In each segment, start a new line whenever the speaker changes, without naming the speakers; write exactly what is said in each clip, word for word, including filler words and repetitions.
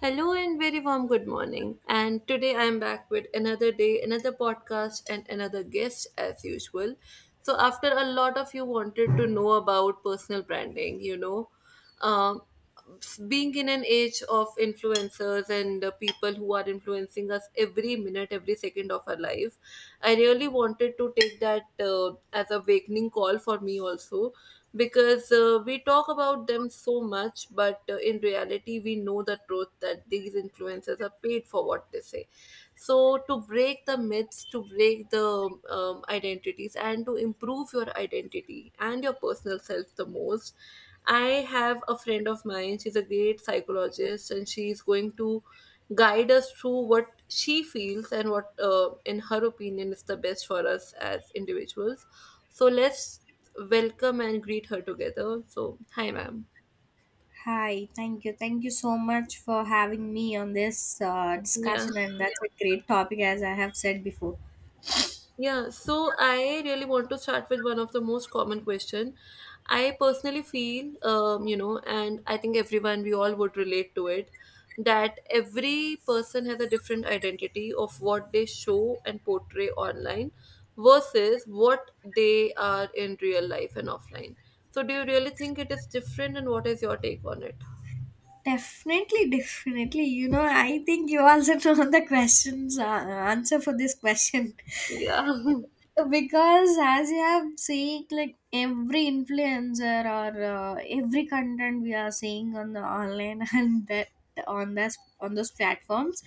Hello and very warm good morning. And today I am back with another day, another podcast, and another guest as usual. So, after a lot of you wanted to know about personal branding, you know, um, being in an age of influencers and uh, people who are influencing us every minute, every second of our life, I really wanted to take that uh, as a awakening call for me also because uh, we talk about them so much, but uh, in reality, we know the truth that these influencers are paid for what they say. So, to break the myths, to break the um, identities, and to improve your identity and your personal self the most, I have a friend of mine. She's a great psychologist, and she's going to guide us through what she feels and what, uh, in her opinion, is the best for us as individuals. So let's welcome and greet her together. So, hi, ma'am.
Hi, thank you. Thank you so much for having me on this uh,
Yeah.
discussion, and that's a great topic, as I have said before.
Yeah, so I really want to start with one of the most common question. I personally feel, um, you know, and I think everyone, we all would relate to it, that every person has a different identity of what they show and portray online versus what they are in real life and offline. So, do you really think it is different, and what is your take on it?
Definitely, definitely. You know, I think you also know the questions uh, answer for this question.
Yeah.
Because as you have seen, like every influencer or uh, every content we are seeing on the online and that on this on those platforms,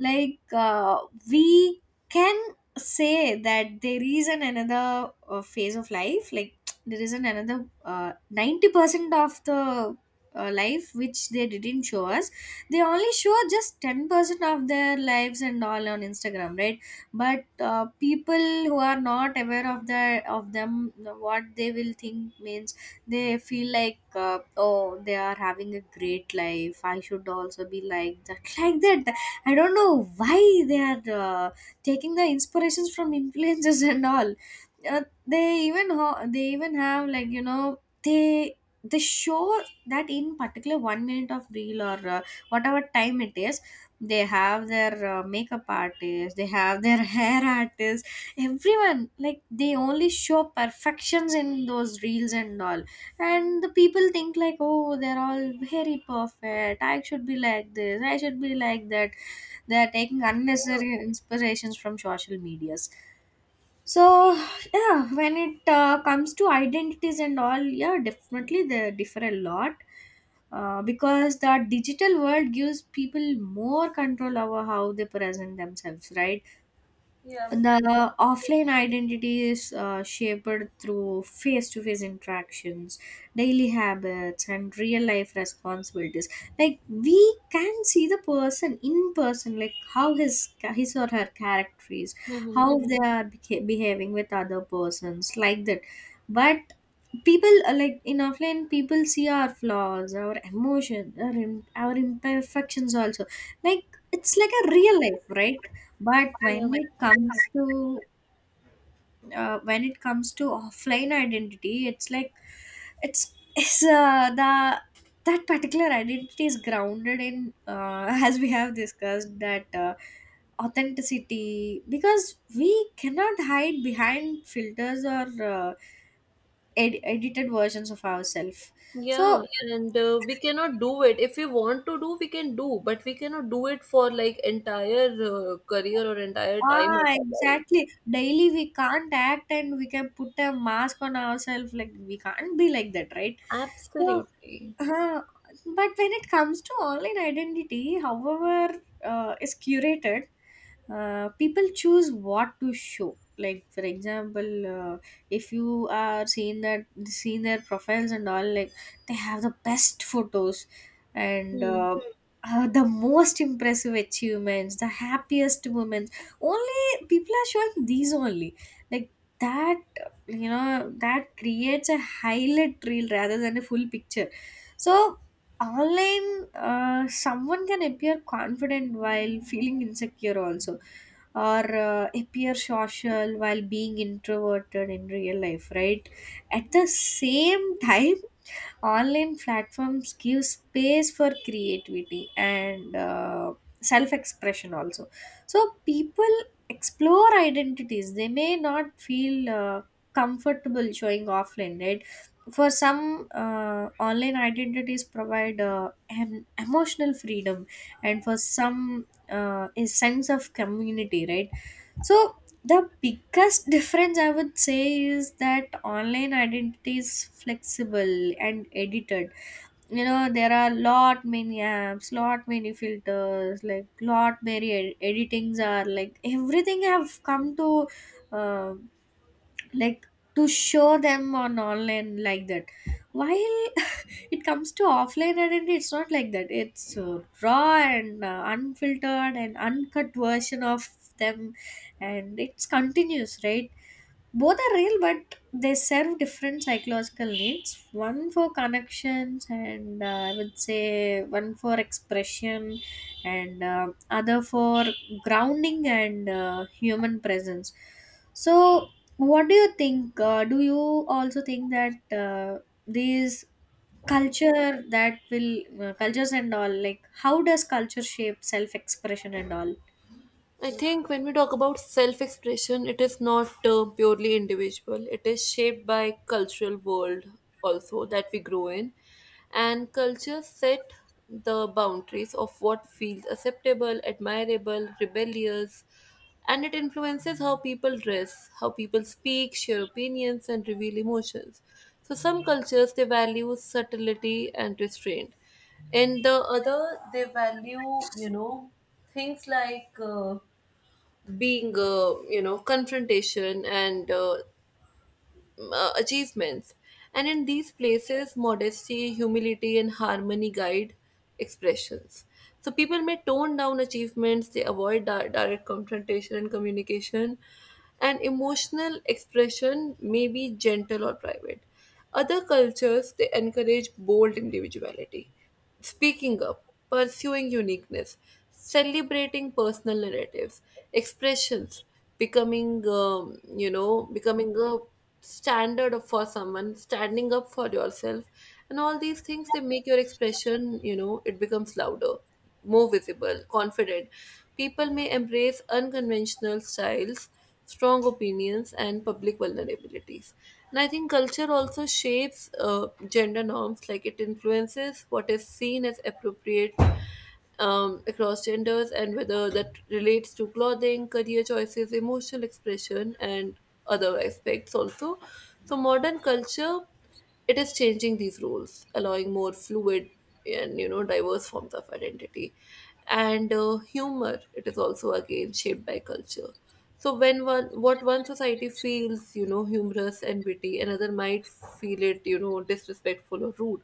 like uh, we can say that there is an another uh, phase of life, like there is an another uh, ninety percent of the uh, life which they didn't show us. They only show just ten percent of their lives and all on Instagram, right? But uh, people who are not aware of the of them, what they will think, means they feel like, uh, oh, they are having a great life, I should also be like that, like that. I don't know why they are uh, taking the inspirations from influencers and all. uh, they even ho- they even have, like, you know they they show that in particular one minute of reel or uh, whatever time it is. They have their uh, makeup artist, they have their hair artist. Everyone, like, they only show perfections in those reels and all, and the people think, like, oh, they're all very perfect, I should be like this, I should be like that. They're taking unnecessary inspirations from social medias. So yeah, when it uh, comes to identities and all, yeah, definitely they differ a lot, uh, because the digital world gives people more control over how they present themselves, right? The offline identity is uh, shaped through face-to-face interactions, daily habits, and real-life responsibilities. Like we can see the person in person, like how his his or her character is,
Yeah.
how they are beca- behaving with other persons, like that. But people, uh, like in offline, people see our flaws, our emotions, our, im- our imperfections also, like it's like a real life, right? But when it comes to uh, when it comes to offline identity, it's like, it's it's uh, the that particular identity is grounded in, uh, as we have discussed, that uh, authenticity, because we cannot hide behind filters or uh, ed- edited versions of ourselves.
Yeah,
So
and uh, we cannot do it. If we want to do, we can do, but we cannot do it for like entire uh, career or entire time
ah,
of our life.
exactly, daily we can't act, and we can put a mask on ourselves, like we can't be like that, right? So
Absolutely.
Uh, but when it comes to online identity, however, uh, is curated, uh, people choose what to show. Like for example, uh, if you are seeing that seeing their profiles and all, like they have the best photos and
Hmm.
uh, uh, the most impressive achievements, the happiest women. Only people are showing these only. Like that, you know, that creates a highlight reel rather than a full picture. So, online, uh, someone can appear confident while feeling insecure, also, or uh, appear social while being introverted in real life, right? At the same time, online platforms give space for creativity and uh, self-expression also. So people explore identities they may not feel uh, comfortable showing offline, right? For some, uh, online identities provide uh, an emotional freedom, and for some, uh, a sense of community, right? So the biggest difference, I would say, is that online identity is flexible and edited. You know there are lot many apps, lot many filters, like lot many ed- editings are, like, everything have come to. um like, to show them on online, like that, while it comes to offline identity, it's not like that, it's uh, raw and uh, unfiltered and uncut version of them, and it's continuous, right? Both are real, but they serve different psychological needs. One for connections, and uh, I would say one for expression, and uh, other for grounding and uh, human presence. So, what do you think? Uh, do you also think that uh, these culture that will uh, cultures and all, like how does culture shape self expression and all?
I think when we talk about self expression, it is not uh, purely individual. It is shaped by cultural world also that we grow in. And culture set the boundaries of what feels acceptable, admirable, rebellious, and it influences how people dress, how people speak, share opinions, and reveal emotions. So some cultures they value subtlety and restraint. In the other, they value, you know, things like uh, being, uh, you know confrontation and uh, m- uh, achievements. And in these places, modesty, humility and harmony guide expressions. So people may tone down achievements, they avoid di- direct confrontation and communication, and emotional expression may be gentle or private. Other cultures they encourage bold individuality, speaking up, pursuing uniqueness, celebrating personal narratives, expressions, becoming, um, you know becoming a standard of- for someone, standing up for yourself, and all these things they make your expression, you know, it becomes louder, more visible, confident. People may embrace unconventional styles, strong opinions, and public vulnerabilities. And I think culture also shapes uh, gender norms, like it influences what is seen as appropriate um, across genders, and whether that relates to clothing, career choices, emotional expression, and other aspects also. So, modern culture, it is changing these roles, allowing more fluid and, you know, diverse forms of identity. And uh, humor, it is also again shaped by culture. So when one, what one society feels, you know, humorous and witty, another might feel it, you know, disrespectful or rude.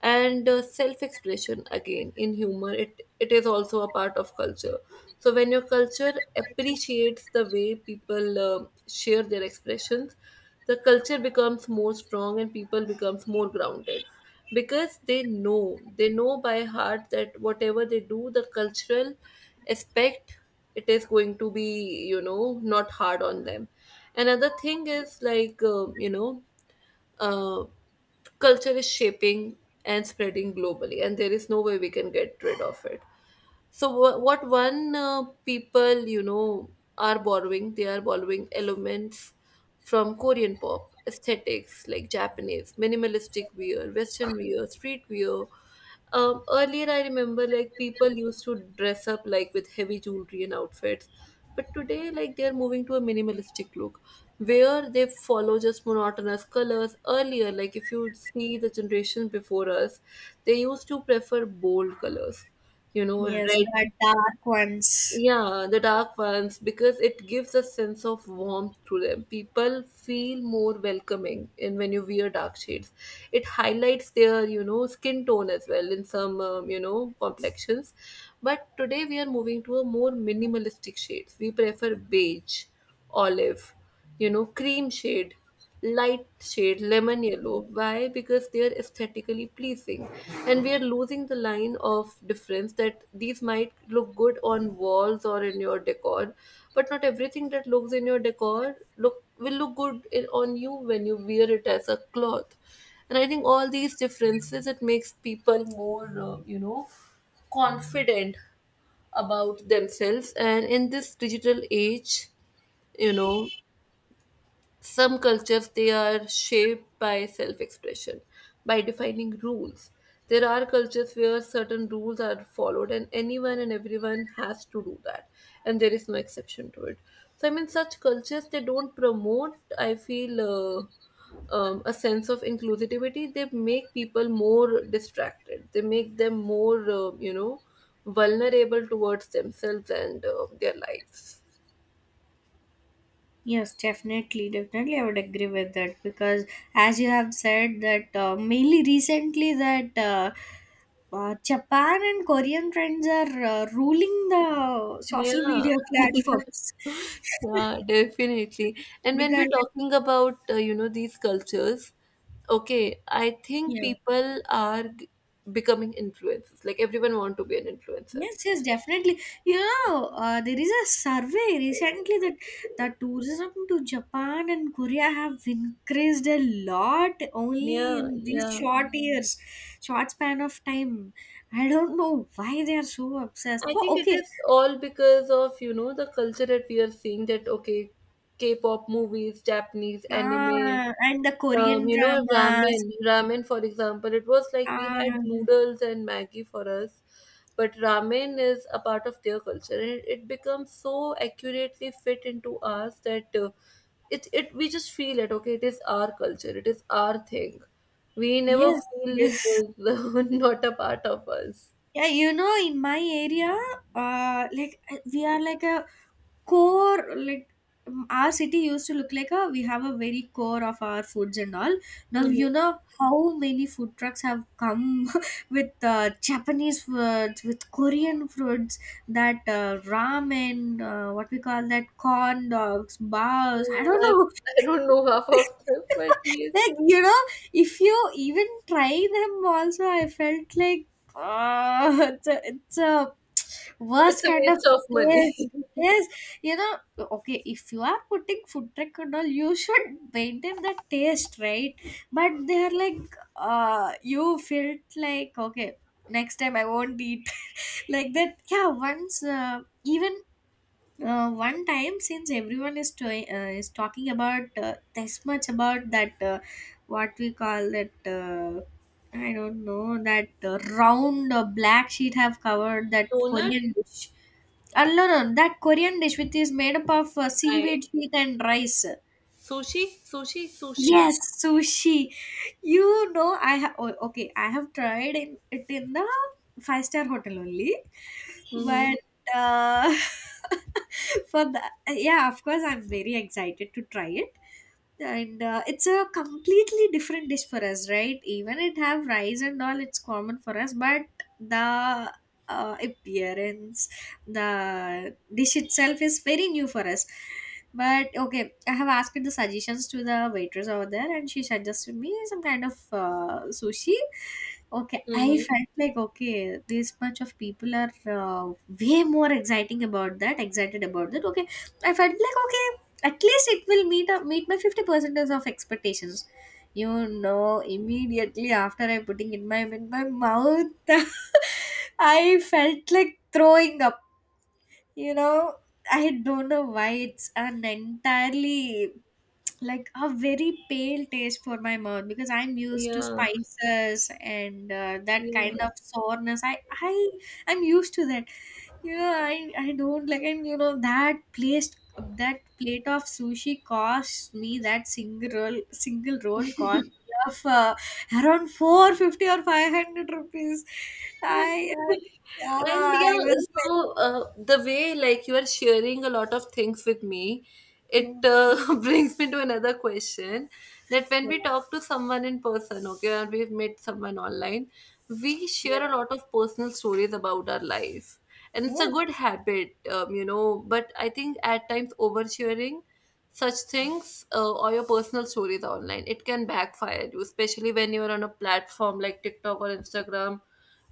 And uh, self-expression again in humor, it it is also a part of culture. So when your culture appreciates the way people uh, share their expressions, the culture becomes more strong and people becomes more grounded, because they know, they know by heart, that whatever they do, the cultural aspect, it is going to be, you know, not hard on them. Another thing is like, um, you know uh, culture is shaping and spreading globally, and there is no way we can get rid of it. So wha- what one uh, people, you know, are borrowing? They are borrowing elements from Korean pop aesthetics like Japanese minimalistic wear, Western wear, street wear. Um, earlier, I remember like people used to dress up like with heavy jewelry and outfits, but today like they are moving to a minimalistic look where they follow just monotonous colors. Earlier, like if you see the generation before us, they used to prefer bold colors, you know,
Yes,
red.
the dark ones.
Yeah, the dark ones, because it gives a sense of warmth to them. People feel more welcoming in when you wear dark shades. It highlights their, you know, skin tone as well in some, um, you know complexions. But today we are moving to a more minimalistic shades. We prefer beige, olive, you know, cream shade, light shade, lemon yellow. Why? Because they are aesthetically pleasing, and we are losing the line of difference that these might look good on walls or in your decor, but not everything that looks in your decor look will look good in, on you when you wear it as a cloth. And I think all these differences it makes people more, uh, you know confident about themselves. And in this digital age, you know, some cultures they are shaped by self-expression, by defining rules. There are cultures where certain rules are followed and anyone and everyone has to do that, and there is no exception to it. So I mean, such cultures they don't promote, I feel, uh, um, a sense of inclusivity. They make people more distracted, they make them more, uh, you know vulnerable towards themselves and uh, their lives.
Yes, definitely, definitely, I would agree with that because, as you have said, that uh, mainly recently that uh, uh, Japan and Korean trends are uh, ruling the social
Yeah.
media platforms.
Yeah, definitely. And when we're
Because
talking about, uh, you know, these cultures, okay, I think
yeah.
people are g- becoming influencers. Like everyone want to be an influencer.
Yes, yes, definitely. You know, uh, there is a survey recently that the tourism to Japan and Korea have increased a lot only
Yeah,
in these
yeah.
short years, short span of time. I don't know why they are so obsessed.
I
But
think it
okay.
is all because of, you know, the culture that we are seeing that, okay, K-pop movies, Japanese anime.
Ah, and the Korean
Um, you know,
dramas.
ramen, ramen, for example, it was like we
Ah,
had noodles and Maggi for us, but ramen is a part of their culture, and it, it becomes so accurately fit into us that uh, it it we just feel it. Okay, it is our culture, it is our thing. We never
yes,
feel it
yes.
is not a part of us.
Yeah, you know, in my area, uh, like uh, we are like a core, like, um, our city used to look like a we have a very core of our foods and all. Now you
Hmm.
know how many food trucks have come with uh, Japanese foods, with Korean foods, that uh, ramen, uh, what we call that, corn dogs, bars. I don't
Yeah, I,
know.
I don't know half of them, but yes,
Like, you know, if you even try them also, I felt like, uh, it's a, it's a
it's
worst
a
kind of
waste of money.
taste. Yes, you know, okay, if you are putting food truck and all, you should maintain the taste, right? But they're like, uh, you felt like, okay, next time I won't eat. Like that, yeah, once, uh, even uh, one time, since everyone is to- uh, is talking about uh, this much about that, uh, what we call that, uh, I don't know, that uh, round uh, black sheet have covered that
Donut,
Korean dish. Uh, no, no, that Korean dish which is made up of uh,
I
seaweed sheet and rice.
sushi, sushi, sushi.
Yes, sushi. You know, I have oh, okay. I have tried in, it in the five star hotel only,
Mm-hmm.
but uh, for the, yeah, of course, I'm very excited to try it, and uh, it's a completely different dish for us, right? Even it have rice and all, it's common for us, but the uh, appearance, the dish itself is very new for us. But okay, I have asked the suggestions to the waitress over there, and she suggested me some kind of uh, sushi. Okay, I
Mm-hmm.
felt like, okay, this much of people are uh, way more exciting about that excited about that, okay. I felt like, okay, at least it will meet up meet my fifty percent of expectations. You know, immediately after I putting in my in my mouth, I felt like throwing up, you know? I don't know why, it's an entirely, like, a very pale taste for my mouth because I'm used to
Yeah.
spices and uh, that
Yeah.
kind of soreness. I i i'm used to that. Yeah, I, I don't like. And you know that place, that plate of sushi cost me that single roll single roll cost me of uh, around four hundred fifty or 500 rupees.
And
I uh, Yeah,
and
I
yeah,
was like,
so uh, the way like you are sharing a lot of things with me, it
oh.
uh, brings me to another question, that when
Yeah,
we talk to someone in person, okay, or we've met someone online, we
yeah,
share a lot of personal stories about our life. And it's a
yes.
good habit, um, you know, but I think at times oversharing such things uh, or your personal stories online, it can backfire you, especially when you're on a platform like TikTok or Instagram.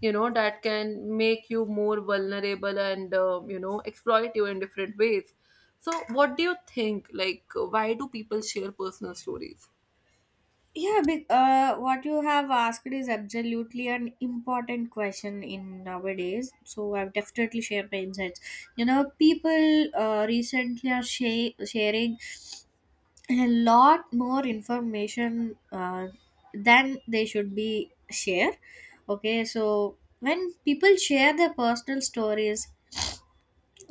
You know, that can make you more vulnerable and uh, you know exploit you in different ways. So what do you think, like, why do people share personal stories?
Yeah, but uh, what you have asked is absolutely an important question in nowadays. So I've definitely shared my insights. You know, people uh, recently are sha- sharing a lot more information uh, than they should be share. Okay, so when people share their personal stories,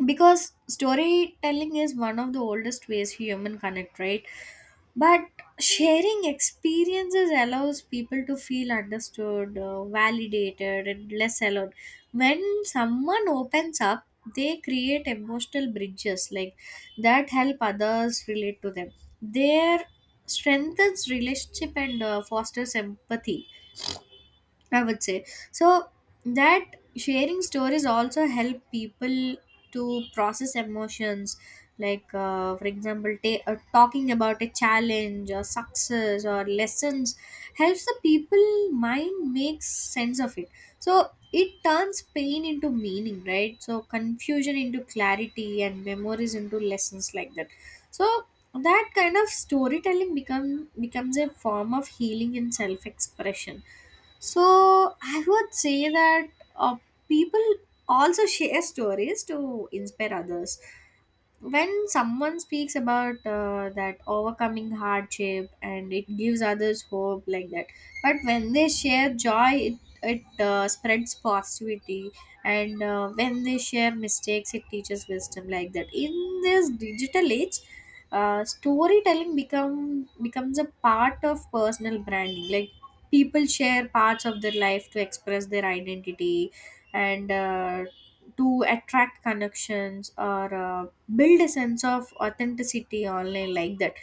because storytelling is one of the oldest ways human connect, right? But sharing experiences allows people to feel understood, uh, validated and less alone. When someone opens up, they create emotional bridges like that help others relate to them, their strengthens relationship and uh, fosters empathy, I would say. So that sharing stories also help people to process emotions. Like, uh, for example, ta- uh, talking about a challenge or success or lessons helps the people mind makes sense of it. So it turns pain into meaning, right? So confusion into clarity and memories into lessons, like that. So that kind of storytelling become becomes a form of healing and self-expression. So I would say that uh, people also share stories to inspire others. When someone speaks about uh, that overcoming hardship, and it gives others hope, like that. But when they share joy, it, it uh, spreads positivity. And uh, when they share mistakes, it teaches wisdom, like that. In this digital age, uh, storytelling become becomes a part of personal branding, like people share parts of their life to express their identity, and uh, to attract connections, or uh, build a sense of authenticity online, like that.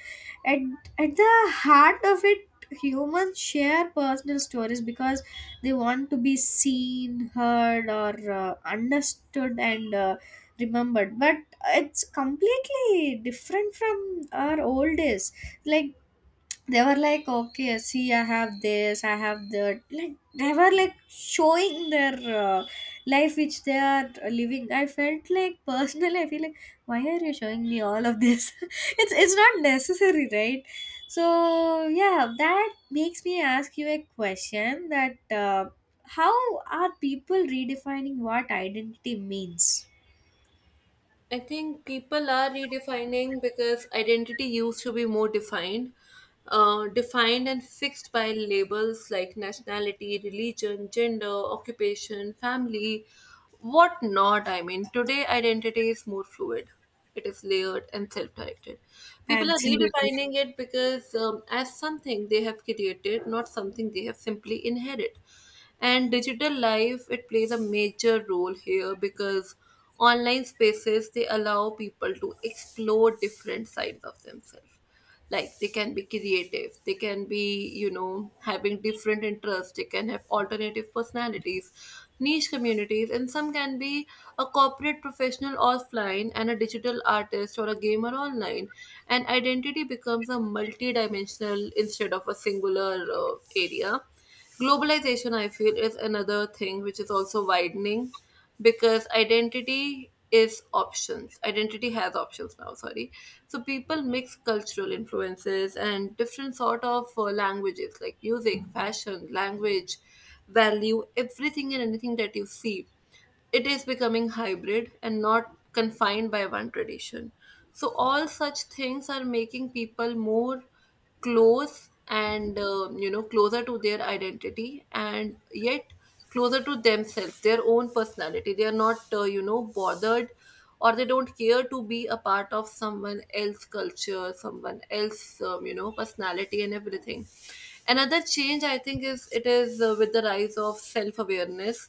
At, at the heart of it, humans share personal stories because they want to be seen, heard, or uh, understood, and uh, remembered. But it's completely different from our old days. Like, they were like, okay, see I have this, I have that, like they were like showing their uh, life which they are living. I felt like Personally, I feel like, why are you showing me all of this? it's it's not necessary, right? So yeah, that makes me ask you a question, that uh, how are people redefining what identity means?
I think people are redefining because identity used to be more defined, uh, defined and fixed by labels like nationality, religion, gender, occupation, family, what not. I mean, today identity is more fluid. It is layered and self-directed. People are
Absolutely.
redefining it because, um, as something they have created, not something they have simply inherited. And digital life, it plays a major role here, because online spaces they allow people to explore different sides of themselves. Like they can be creative, they can be, you know, having different interests, they can have alternative personalities, niche communities, and some can be a corporate professional offline and a digital artist or a gamer online. And identity becomes a multi-dimensional instead of a singular uh, area. Globalization, I feel, is another thing which is also widening because identity is options. Identity has options now, sorry. So people mix cultural influences and different sort of uh, languages, like music, fashion, language, value, everything and anything that you see, it is becoming hybrid and not confined by one tradition. So, all such things are making people more close and, uh, you know, closer to their identity, and yet closer to themselves, their own personality. They are not, uh, you know bothered, or they don't care to be a part of someone else's culture, someone else's, um, you know personality and everything. Another change I think is, it is uh, with the rise of self awareness,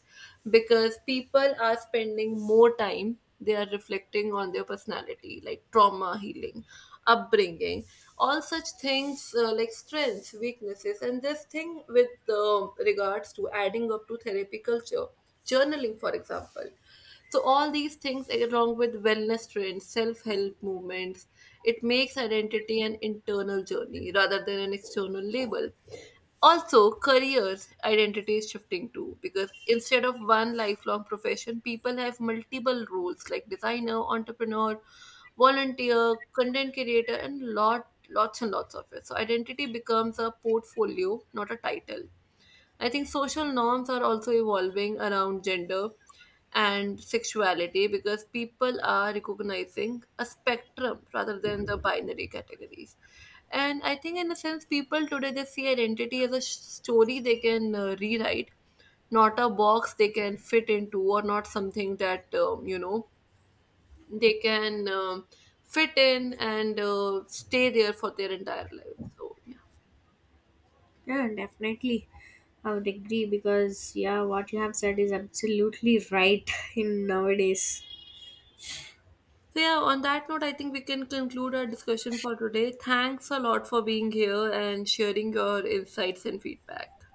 because people are spending more time, they are reflecting on their personality, like trauma healing, upbringing, all such things, uh, like strengths, weaknesses, and this thing with uh, regards to adding up to therapy culture, journaling, for example. So all these things along with wellness trends, self-help movements, it makes identity an internal journey rather than an external label. Also, careers identity is shifting too, because instead of one lifelong profession, people have multiple roles like designer, entrepreneur, volunteer, content creator, and lot lots and lots of it. So identity becomes a portfolio, not a title. I think social norms are also evolving around gender and sexuality, because people are recognizing a spectrum rather than the binary categories. And I think, in a sense, people today they see identity as a sh- story they can uh, rewrite, not a box they can fit into, or not something that, um, you know they can um fit in and uh, stay there for their entire life. So yeah.
Yeah, definitely. I would agree because, yeah, what you have said is absolutely right in nowadays.
So yeah, on that note, I think we can conclude our discussion for today. Thanks a lot for being here and sharing your insights and feedback.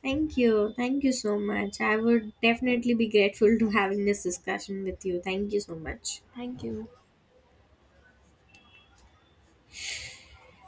Thank you. Thank you so much. I would definitely be grateful to having this discussion with you. Thank you so much.
Thank you.